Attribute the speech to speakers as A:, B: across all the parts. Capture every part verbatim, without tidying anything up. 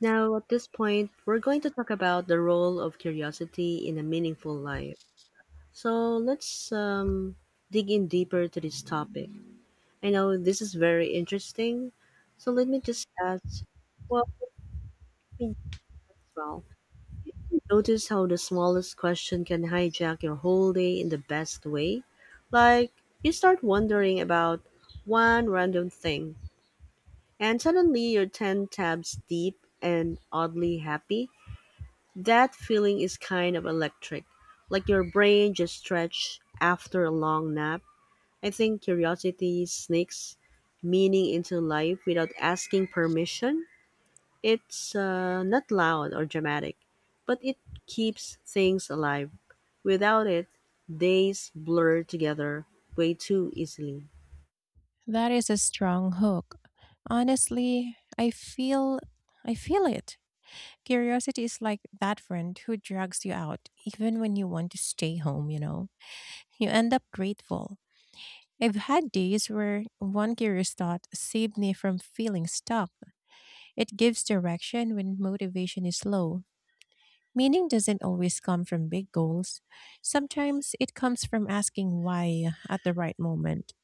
A: Now, at this point, we're going to talk about the role of curiosity in a meaningful life. So, let's um, dig in deeper to this topic. I know this is very interesting. So, let me just ask well, let me as well. Notice how the smallest question can hijack your whole day in the best way. Like, you start wondering about one random thing, and suddenly you're ten tabs deep and oddly happy. That feeling is kind of electric, like your brain just stretched after a long nap. I think curiosity sneaks meaning into life without asking permission. It's uh, not loud or dramatic, but it keeps things alive. Without it, days blur together way too easily.
B: That is a strong hook. Honestly, I feel I feel it. Curiosity is like that friend who drags you out even when you want to stay home, you know. You end up grateful. I've had days where one curious thought saved me from feeling stuck. It gives direction when motivation is low. Meaning doesn't always come from big goals. Sometimes it comes from asking why at the right moment.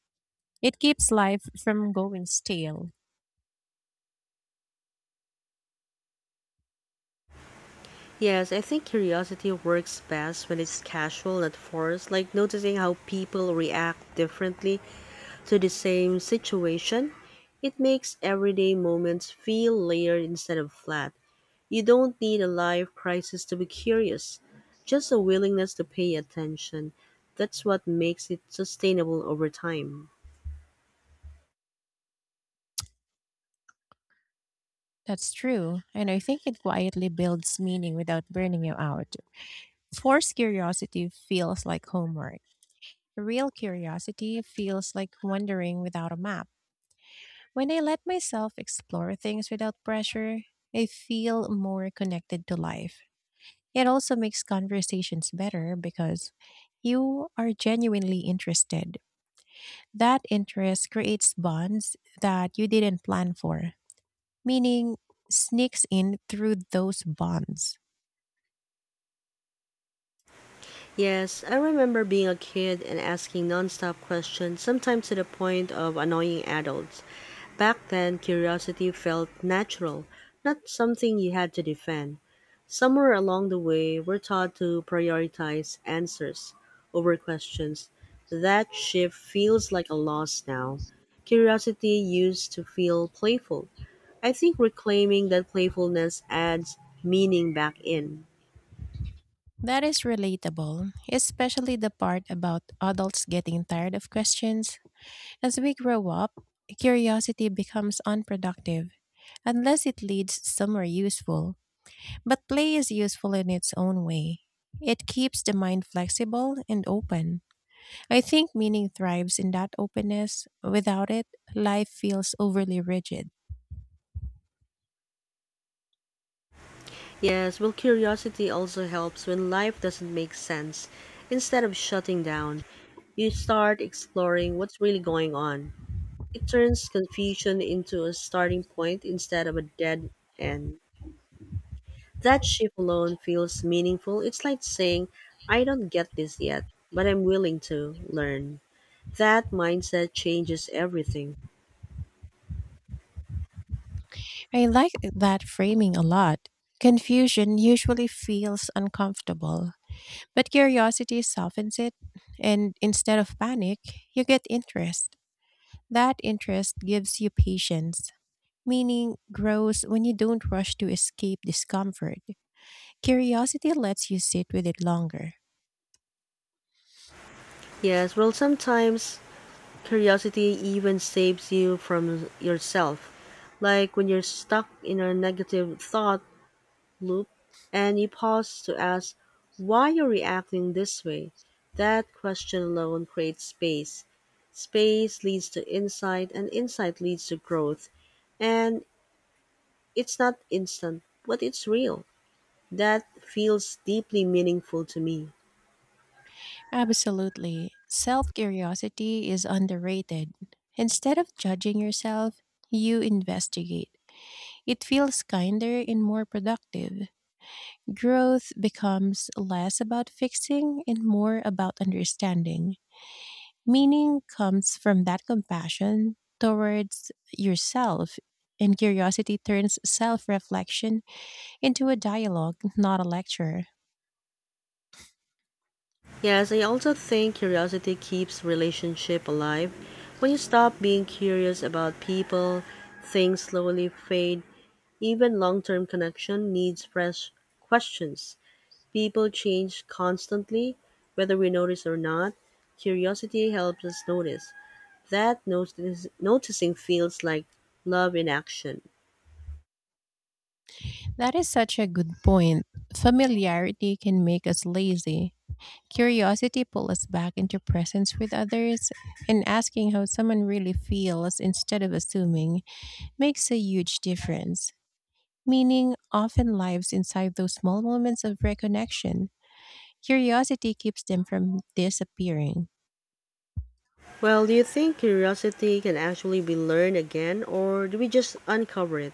B: It keeps life from going stale.
A: Yes, I think curiosity works best when it's casual, not forced, like noticing how people react differently to the same situation. It makes everyday moments feel layered instead of flat. You don't need a life crisis to be curious, just a willingness to pay attention. That's what makes it sustainable over time.
B: That's true. And I think it quietly builds meaning without burning you out. Forced curiosity feels like homework. Real curiosity feels like wandering without a map. When I let myself explore things without pressure, I feel more connected to life. It also makes conversations better because you are genuinely interested. That interest creates bonds that you didn't plan for, meaning sneaks in through those bonds.
A: Yes, I remember being a kid and asking nonstop questions, sometimes to the point of annoying adults. Back then, curiosity felt natural, not something you had to defend. Somewhere along the way, we're taught to prioritize answers over questions. That shift feels like a loss now. Curiosity used to feel playful. I think reclaiming that playfulness adds meaning back in.
B: That is relatable, especially the part about adults getting tired of questions. As we grow up, curiosity becomes unproductive unless it leads somewhere useful. But play is useful in its own way. It keeps the mind flexible and open. I think meaning thrives in that openness. Without it, life feels overly rigid.
A: Yes, well, curiosity also helps when life doesn't make sense. Instead of shutting down, you start exploring what's really going on. It turns confusion into a starting point instead of a dead end. That shift alone feels meaningful. It's like saying, I don't get this yet, but I'm willing to learn. That mindset changes everything.
B: I like that framing a lot. Confusion usually feels uncomfortable, but curiosity softens it, and instead of panic, you get interest. That interest gives you patience, meaning grows when you don't rush to escape discomfort. Curiosity lets you sit with it longer.
A: Yes, well, sometimes curiosity even saves you from yourself. Like when you're stuck in a negative thought loop and you pause to ask why you're reacting this way. That question alone creates space. Space leads to insight, and insight leads to growth. And it's not instant, but it's real. That feels deeply meaningful to me.
B: Absolutely. Self curiosity is underrated. Instead of judging yourself, you investigate. It feels kinder and more productive. Growth becomes less about fixing and more about understanding. Meaning comes from that compassion towards yourself, and curiosity turns self reflection into a dialogue, not a lecture.
A: Yes, I also think curiosity keeps relationship alive. When you stop being curious about people, things slowly fade. Even long-term connection needs fresh questions. People change constantly, whether we notice or not. Curiosity helps us notice. That notice, noticing feels like love in action.
B: That is such a good point. Familiarity can make us lazy. Curiosity pulls us back into presence with others, and asking how someone really feels instead of assuming makes a huge difference. Meaning often lives inside those small moments of reconnection. Curiosity keeps them from disappearing.
A: Well, do you think curiosity can actually be learned again, or do we just uncover it?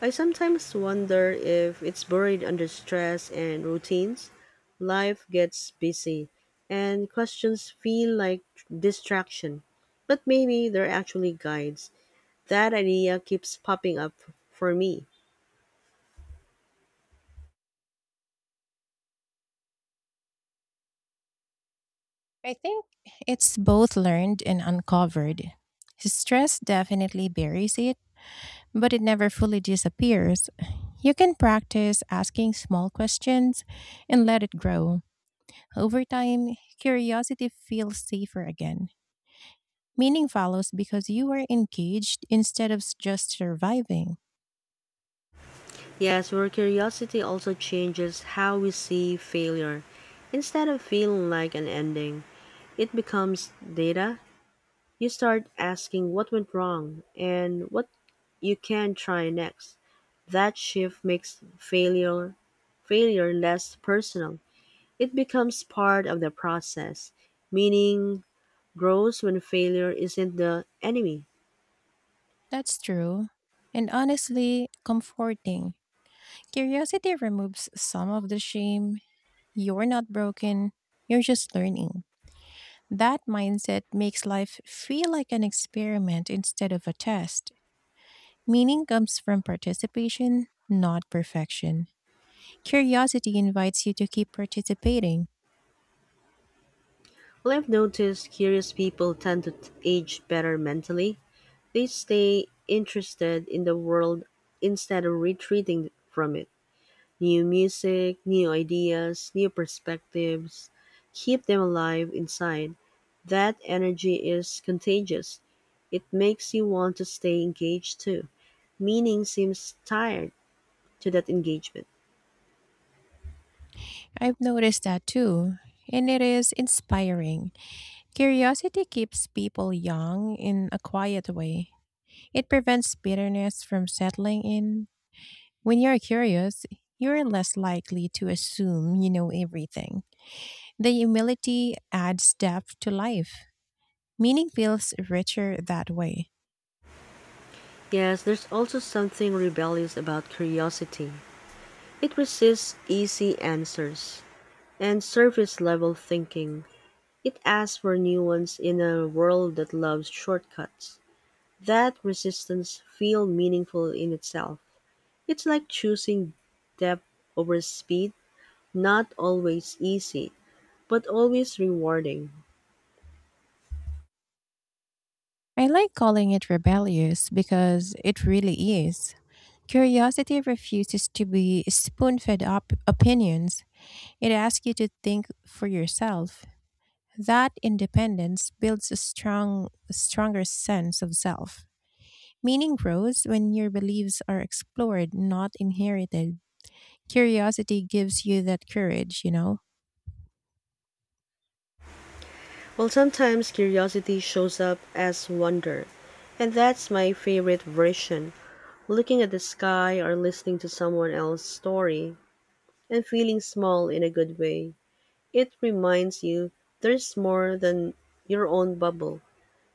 A: I sometimes wonder if it's buried under stress and routines. Life gets busy, and questions feel like distraction. But maybe they're actually guides. That idea keeps popping up for me.
B: I think it's both learned and uncovered. Stress definitely buries it, but it never fully disappears. You can practice asking small questions and let it grow. Over time, curiosity feels safer again. Meaning follows because you are engaged instead of s- just surviving.
A: Yes, where curiosity also changes how we see failure. Instead of feeling like an ending, it becomes data. You start asking what went wrong and what you can try next. That shift makes failure failure less personal. It becomes part of the process. Meaning grows when failure isn't the enemy.
B: That's true. And honestly, comforting. Curiosity removes some of the shame. You're not broken, you're just learning. That mindset makes life feel like an experiment instead of a test. Meaning comes from participation, not perfection. Curiosity invites you to keep participating.
A: Well, I've noticed curious people tend to t- age better mentally. They stay interested in the world instead of retreating from it. New music, new ideas, new perspectives. Keep them alive inside. That energy is contagious. It makes you want to stay engaged too. Meaning seems tied to that engagement.
B: I've noticed that too, and it is inspiring. Curiosity keeps people young in a quiet way. It prevents bitterness from settling in. When you're curious, you're less likely to assume you know everything. The humility adds depth to life. Meaning feels richer that way.
A: Yes, there's also something rebellious about curiosity. It resists easy answers and surface level thinking. It asks for new ones in a world that loves shortcuts. That resistance feels meaningful in itself. It's like choosing depth over speed, not always easy, but always rewarding.
B: I like calling it rebellious because it really is. Curiosity refuses to be spoon fed up opinions, it asks you to think for yourself. That independence builds a strong, stronger sense of self. Meaning grows when your beliefs are explored, not inherited. Curiosity gives you that courage, you know?
A: Well, sometimes curiosity shows up as wonder, and that's my favorite version, looking at the sky or listening to someone else's story and feeling small in a good way. It reminds you there's more than your own bubble.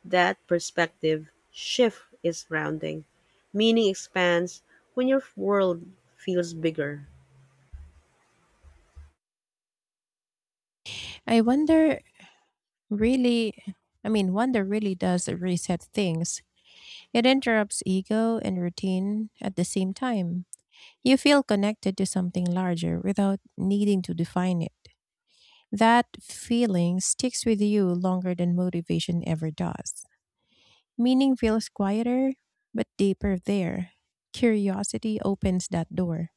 A: That perspective shift is grounding. Meaning expands when your world feels bigger.
B: I wonder Really, I mean, Wonder really does reset things. It interrupts ego and routine at the same time. You feel connected to something larger without needing to define it. That feeling sticks with you longer than motivation ever does. Meaning feels quieter, but deeper there. Curiosity opens that door.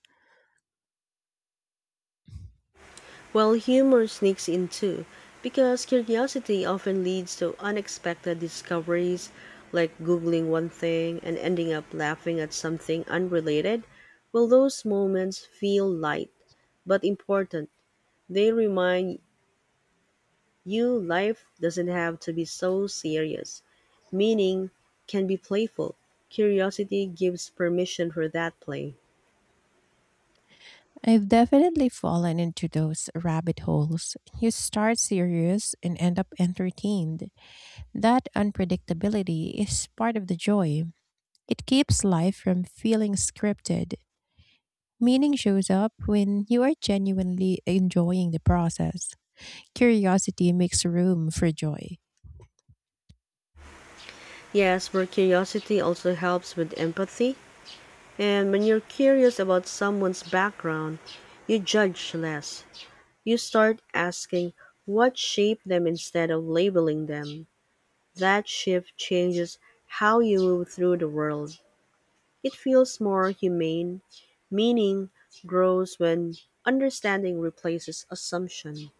A: Well, humor sneaks in too, because curiosity often leads to unexpected discoveries, like Googling one thing and ending up laughing at something unrelated. Well, those moments feel light, but important. They remind you life doesn't have to be so serious. Meaning can be playful. Curiosity gives permission for that play.
B: I've definitely fallen into those rabbit holes. You start serious and end up entertained. That unpredictability is part of the joy. It keeps life from feeling scripted. Meaning shows up when you are genuinely enjoying the process. Curiosity makes room for joy.
A: Yes, but curiosity also helps with empathy. And when you're curious about someone's background, you judge less. You start asking what shaped them instead of labeling them. That shift changes how you move through the world. It feels more humane. Meaning grows when understanding replaces assumption.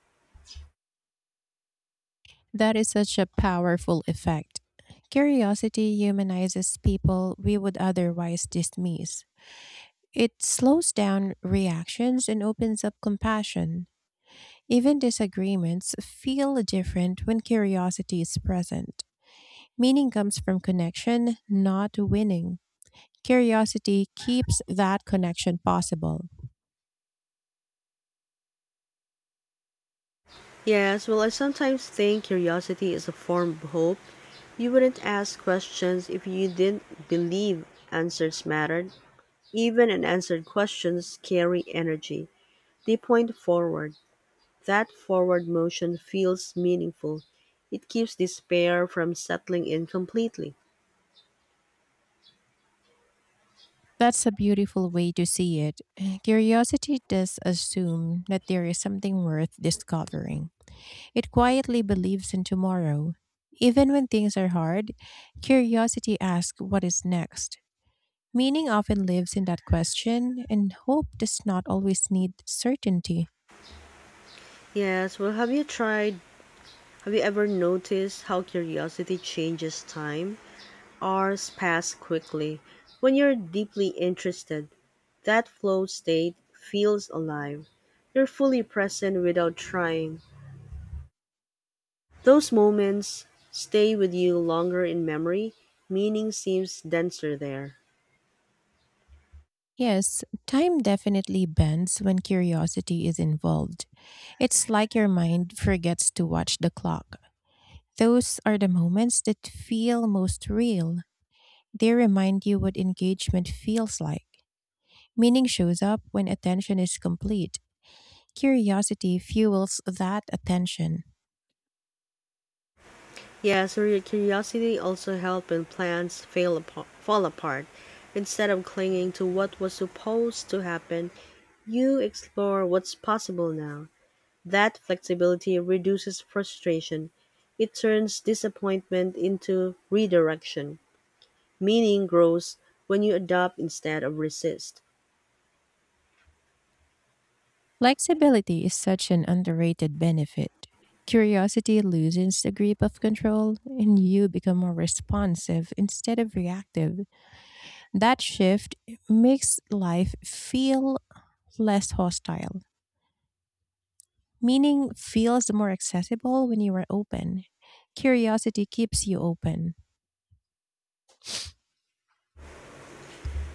B: That is such a powerful effect. Curiosity humanizes people we would otherwise dismiss. It slows down reactions and opens up compassion. Even disagreements feel different when curiosity is present. Meaning comes from connection, not winning. Curiosity keeps that connection possible.
A: Yes, well, I sometimes think curiosity is a form of hope. You wouldn't ask questions if you didn't believe answers mattered. Even unanswered questions carry energy. They point forward. That forward motion feels meaningful. It keeps despair from settling in completely.
B: That's a beautiful way to see it. Curiosity does assume that there is something worth discovering. It quietly believes in tomorrow. Even when things are hard, curiosity asks what is next. Meaning often lives in that question, and hope does not always need certainty.
A: Yes, well, have you tried? Have you ever noticed how curiosity changes time? Hours pass quickly. When you're deeply interested, that flow state feels alive. You're fully present without trying. Those moments stay with you longer in memory. Meaning seems denser there.
B: Yes, time definitely bends when curiosity is involved. It's like your mind forgets to watch the clock. Those are the moments that feel most real. They remind you what engagement feels like. Meaning shows up when attention is complete. Curiosity fuels that attention.
A: Yeah, so your curiosity also helped when plans fail apo- fall apart. Instead of clinging to what was supposed to happen, you explore what's possible now. That flexibility reduces frustration. It turns disappointment into redirection. Meaning grows when you adopt instead of resist.
B: Flexibility is such an underrated benefit. Curiosity loosens the grip of control and you become more responsive instead of reactive. That shift makes life feel less hostile, meaning feels more accessible when you are open. Curiosity keeps you open.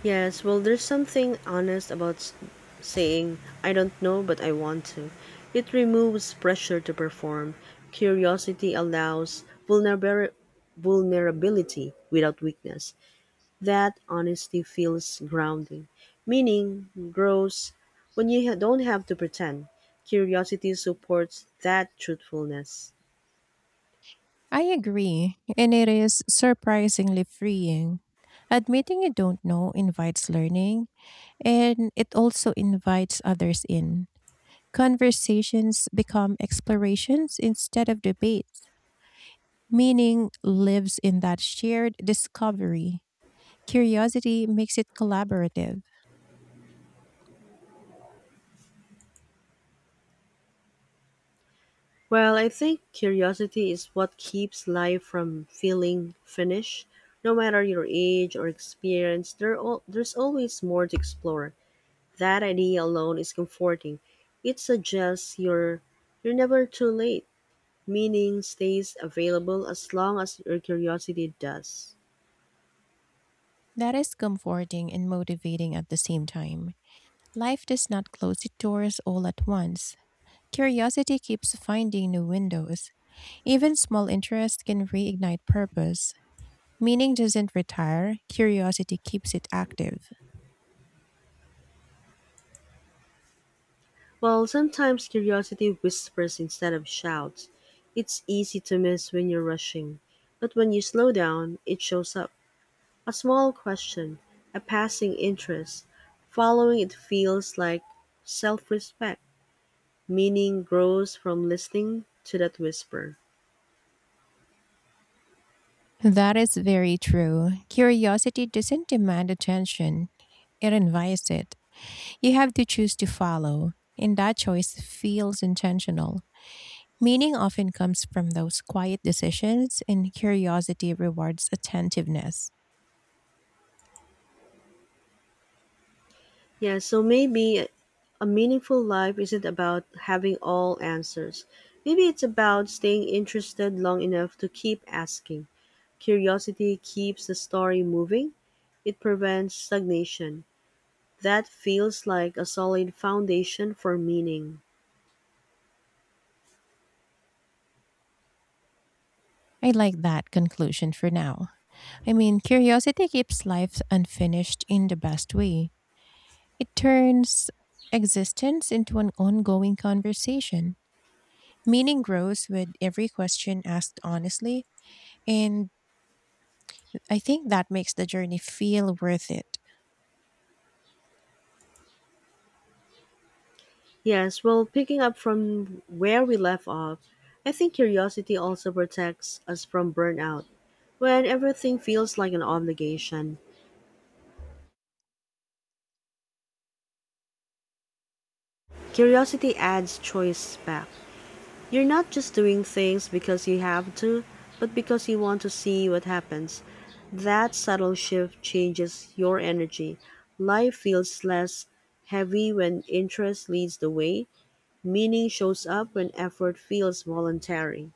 A: Yes, well, there's something honest about s- saying, I don't know, but I want to. It removes pressure to perform. Curiosity allows vulner- vulnerability without weakness. That honesty feels grounding. Meaning grows when you ha- don't have to pretend. Curiosity supports that truthfulness.
B: I agree, and it is surprisingly freeing. Admitting you don't know invites learning, and it also invites others in. Conversations become explorations instead of debates. Meaning lives in that shared discovery. Curiosity makes it collaborative.
A: Well, I think curiosity is what keeps life from feeling finished. No matter your age or experience, there al- there's always more to explore. That idea alone is comforting. It suggests you're you're never too late. Meaning stays available as long as your curiosity does.
B: That is comforting and motivating at the same time. Life does not close its doors all at once. Curiosity keeps finding new windows. Even small interest can reignite purpose. Meaning doesn't retire, curiosity keeps it active.
A: Well, sometimes curiosity whispers instead of shouts. It's easy to miss when you're rushing, but when you slow down, it shows up. A small question, a passing interest; following it feels like self-respect. Meaning grows from listening to that whisper.
B: That is very true. Curiosity doesn't demand attention, it invites it. You have to choose to follow, and that choice feels intentional. Meaning often comes from those quiet decisions, and curiosity rewards attentiveness.
A: Yeah, so maybe a meaningful life isn't about having all answers. Maybe it's about staying interested long enough to keep asking. Curiosity keeps the story moving, it prevents stagnation. That feels like a solid foundation for meaning.
B: I like that conclusion for now. I mean, curiosity keeps life unfinished in the best way. It turns existence into an ongoing conversation. Meaning grows with every question asked honestly, and I think that makes the journey feel worth it.
A: Yes, well, picking up from where we left off, I think curiosity also protects us from burnout. When everything feels like an obligation, curiosity adds choice back. You're not just doing things because you have to, but because you want to see what happens. That subtle shift changes your energy. Life feels less heavy when interest leads the way, meaning shows up when effort feels voluntary.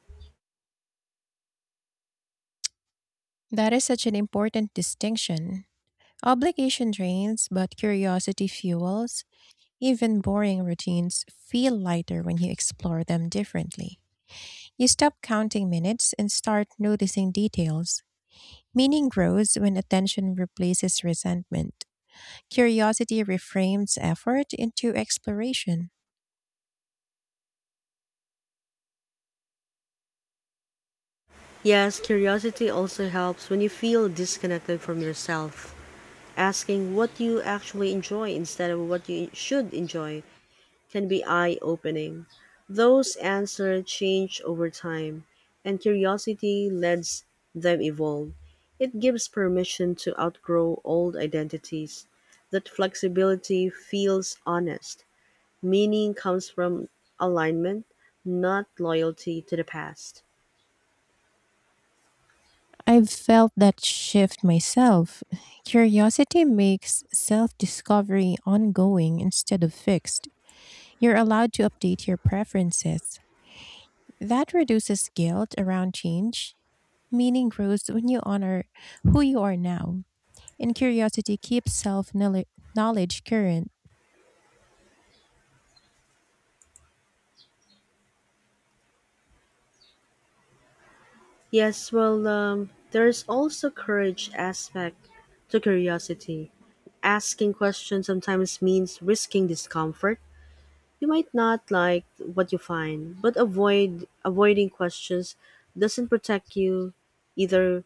B: That is such an important distinction. Obligation drains, but curiosity fuels. Even boring routines feel lighter when you explore them differently. You stop counting minutes and start noticing details. Meaning grows when attention replaces resentment. Curiosity reframes effort into exploration.
A: Yes, curiosity also helps when you feel disconnected from yourself. Asking what you actually enjoy instead of what you should enjoy can be eye opening. Those answers change over time, and curiosity lets them evolve. It gives permission to outgrow old identities. That flexibility feels honest. Meaning comes from alignment, not loyalty to the past.
B: I've felt that shift myself. Curiosity makes self discovery ongoing instead of fixed. You're allowed to update your preferences. That reduces guilt around change. Meaning grows when you honor who you are now, and curiosity keeps self knowledge current.
A: Yes, well, um, there's also courage aspect to curiosity. Asking questions sometimes means risking discomfort. You might not like what you find, but avoid avoiding questions doesn't protect you either.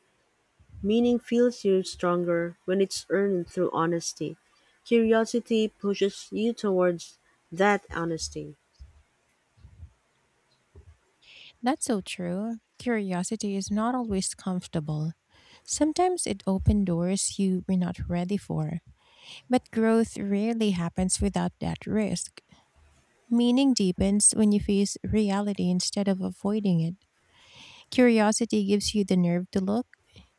A: Meaning feels you stronger when it's earned through honesty. Curiosity pushes you towards that honesty.
B: That's so true. Curiosity is not always comfortable. Sometimes it opens doors you were not ready for. But growth rarely happens without that risk. Meaning deepens when you face reality instead of avoiding it. Curiosity gives you the nerve to look,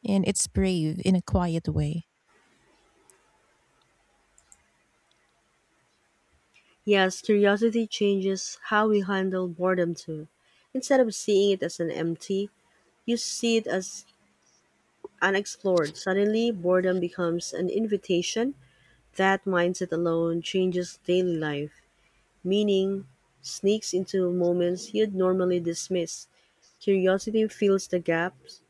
B: and it's brave in a quiet way.
A: Yes, curiosity changes how we handle boredom too. Instead of seeing it as an empty, you see it as unexplored. Suddenly, boredom becomes an invitation. That mindset alone changes daily life. Meaning sneaks into moments you'd normally dismiss. Curiosity fills the gaps.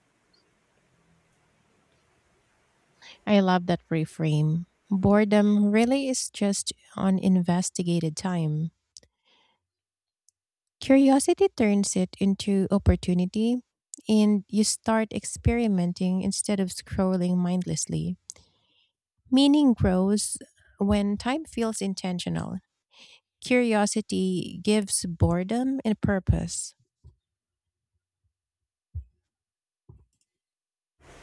B: I love that reframe. Boredom really is just uninvestigated time. Curiosity turns it into opportunity, and you start experimenting instead of scrolling mindlessly. Meaning grows when time feels intentional. Curiosity gives boredom and purpose.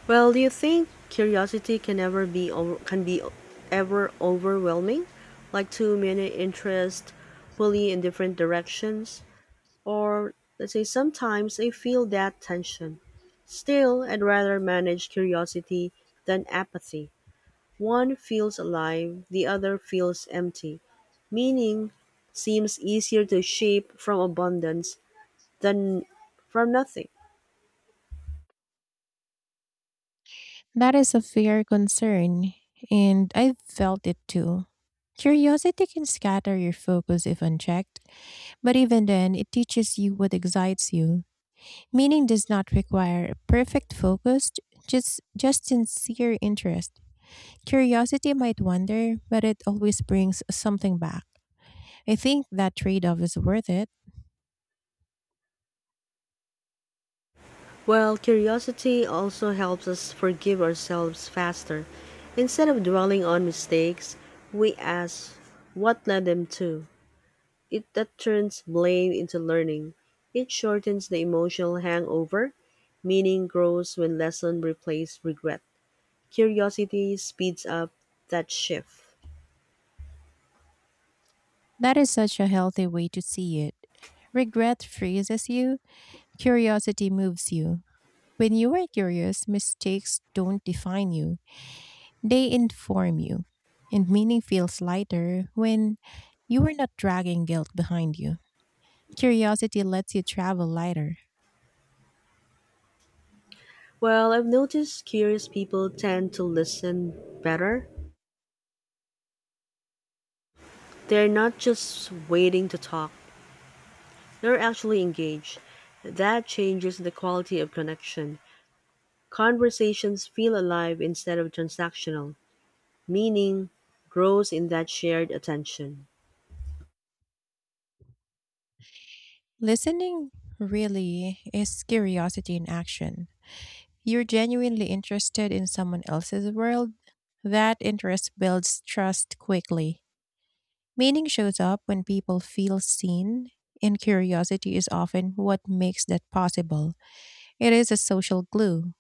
A: Well, do you think curiosity can ever be over, can be ever overwhelming? Like too many interests pulling in different directions? Or let's say sometimes I feel that tension. Still, I'd rather manage curiosity than apathy. One feels alive, the other feels empty. Meaning seems easier to shape from abundance than from nothing.
B: That is a fair concern, and I've felt it too. Curiosity can scatter your focus if unchecked, but even then, it teaches you what excites you. Meaning does not require perfect focus, just just sincere interest. Curiosity might wander, but it always brings something back. I think that trade-off is worth it.
A: Well, curiosity also helps us forgive ourselves faster. Instead of dwelling on mistakes, we ask what led them to. It that turns blame into learning. It shortens the emotional hangover. Meaning grows when lesson replaces regret. Curiosity speeds up that shift.
B: That is such a healthy way to see it. Regret freezes you, curiosity moves you. When you are curious, mistakes don't define you, they inform you. And meaning feels lighter when you are not dragging guilt behind you. Curiosity lets you travel lighter.
A: Well, I've noticed curious people tend to listen better. They're not just waiting to talk, they're actually engaged. That changes the quality of connection. Conversations feel alive instead of transactional. Meaning grows in that shared attention.
B: Listening really is curiosity in action. You're genuinely interested in someone else's world. That interest builds trust quickly. Meaning shows up when people feel seen, and curiosity is often what makes that possible. It is a social glue.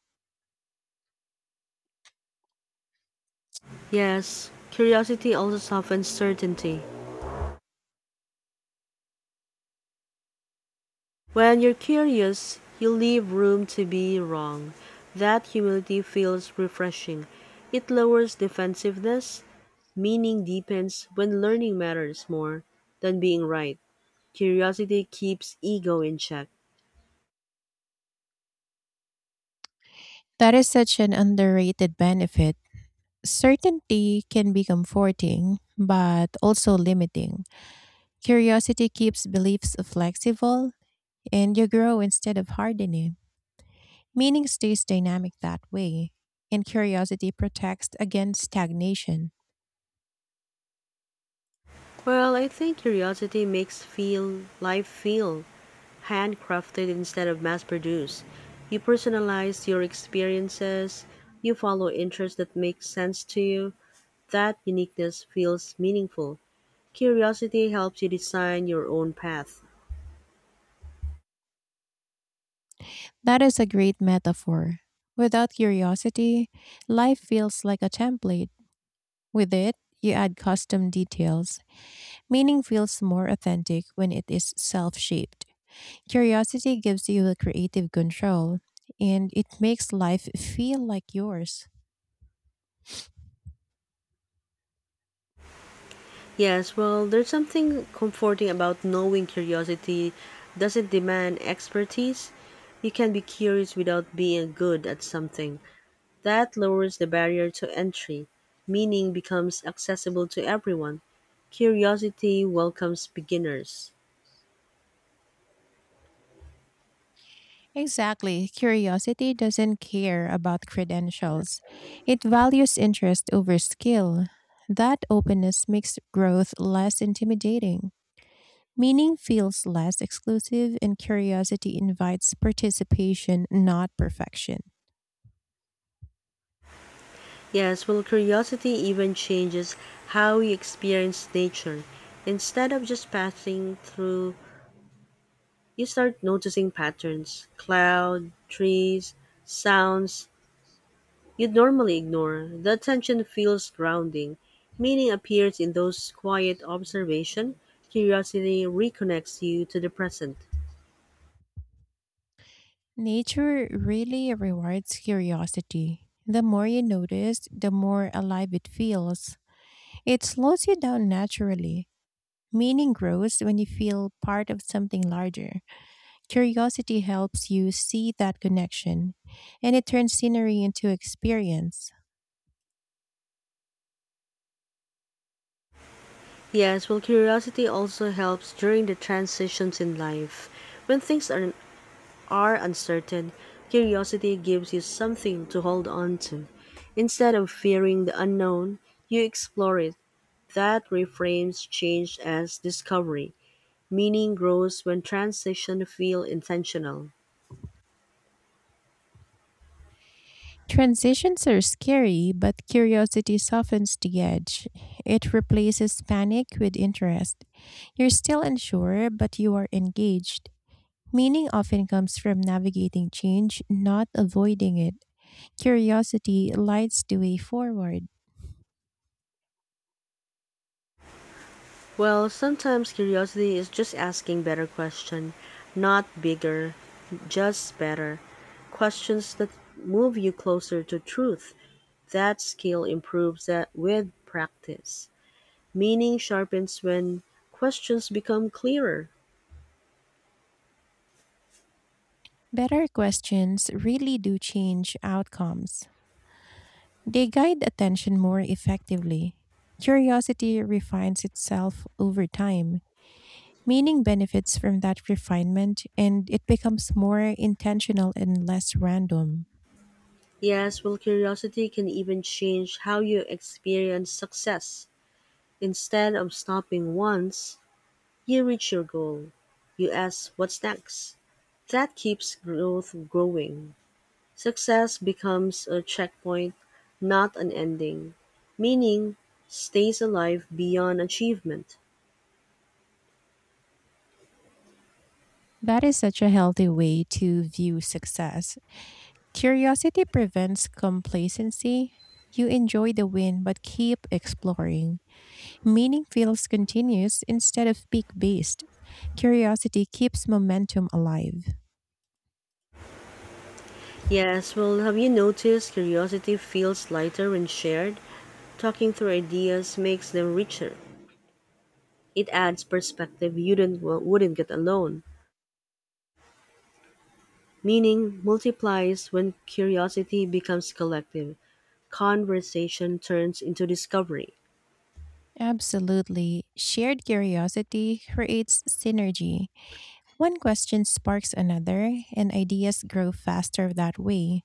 A: Yes, curiosity also softens certainty. When you're curious, you leave room to be wrong. That humility feels refreshing. It lowers defensiveness, meaning deepens when learning matters more than being right. Curiosity keeps ego in check.
B: That is such an underrated benefit. Certainty can be comforting, but also limiting. Curiosity keeps beliefs flexible, and you grow instead of hardening. Meaning stays dynamic that way, and curiosity protects against stagnation.
A: Well, I think curiosity makes feel life feel handcrafted instead of mass produced. You personalize your experiences, you follow interests that make sense to you. That uniqueness feels meaningful. Curiosity helps you design your own path.
B: That is a great metaphor. Without curiosity, life feels like a template. With it, you add custom details. Meaning feels more authentic when it is self shaped. Curiosity gives you the creative control and it makes life feel like yours.
A: Yes, well, there's something comforting about knowing curiosity doesn't demand expertise. You can be curious without being good at something. That lowers the barrier to entry, meaning becomes accessible to everyone. Curiosity welcomes beginners.
B: Exactly. Curiosity doesn't care about credentials, it values interest over skill. That openness makes growth less intimidating. Meaning feels less exclusive, and curiosity invites participation, not perfection.
A: Yes, well, curiosity even changes how you experience nature. Instead of just passing through, you start noticing patterns, cloud, trees, sounds you'd normally ignore. The attention feels grounding. Meaning appears in those quiet observation. Curiosity reconnects you to the present.
B: Nature really rewards curiosity. The more you notice, the more alive it feels. It slows you down naturally. Meaning grows when you feel part of something larger. Curiosity helps you see that connection, and it turns scenery into experience.
A: Yes, well, curiosity also helps during the transitions in life. When things are, are uncertain, curiosity gives you something to hold on to. Instead of fearing the unknown, you explore it. That reframes change as discovery. Meaning grows when transitions feel intentional.
B: Transitions are scary, but curiosity softens the edge. It replaces panic with interest. You're still unsure, but you are engaged. Meaning often comes from navigating change, not avoiding it. Curiosity lights the way forward.
A: Well, sometimes curiosity is just asking better questions, not bigger, just better. Questions that move you closer to truth. That skill improves that with practice. Meaning sharpens when questions become clearer.
B: Better questions really do change outcomes. They guide attention more effectively. Curiosity refines itself over time. Meaning benefits from that refinement and it becomes more intentional and less random.
A: Yes, well, curiosity can even change how you experience success. Instead of stopping once you reach your goal, you ask what's next. That keeps growth growing. Success becomes a checkpoint, not an ending. Meaning stays alive beyond achievement.
B: That is such a healthy way to view success. Curiosity prevents complacency. You enjoy the win but keep exploring. Meaning feels continuous instead of peak based. Curiosity keeps momentum alive.
A: Yes, well, have you noticed curiosity feels lighter when shared? Talking through ideas makes them richer. It adds perspective you didn't, wouldn't get alone. Meaning multiplies when curiosity becomes collective. Conversation turns into discovery.
B: Absolutely. Shared curiosity creates synergy. One question sparks another, and ideas grow faster that way.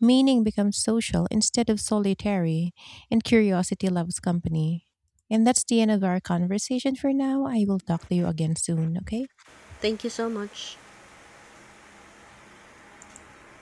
B: Meaning becomes social instead of solitary, and curiosity loves company. And that's the end of our conversation for now. I will talk to you again soon, okay?
A: Thank you so much.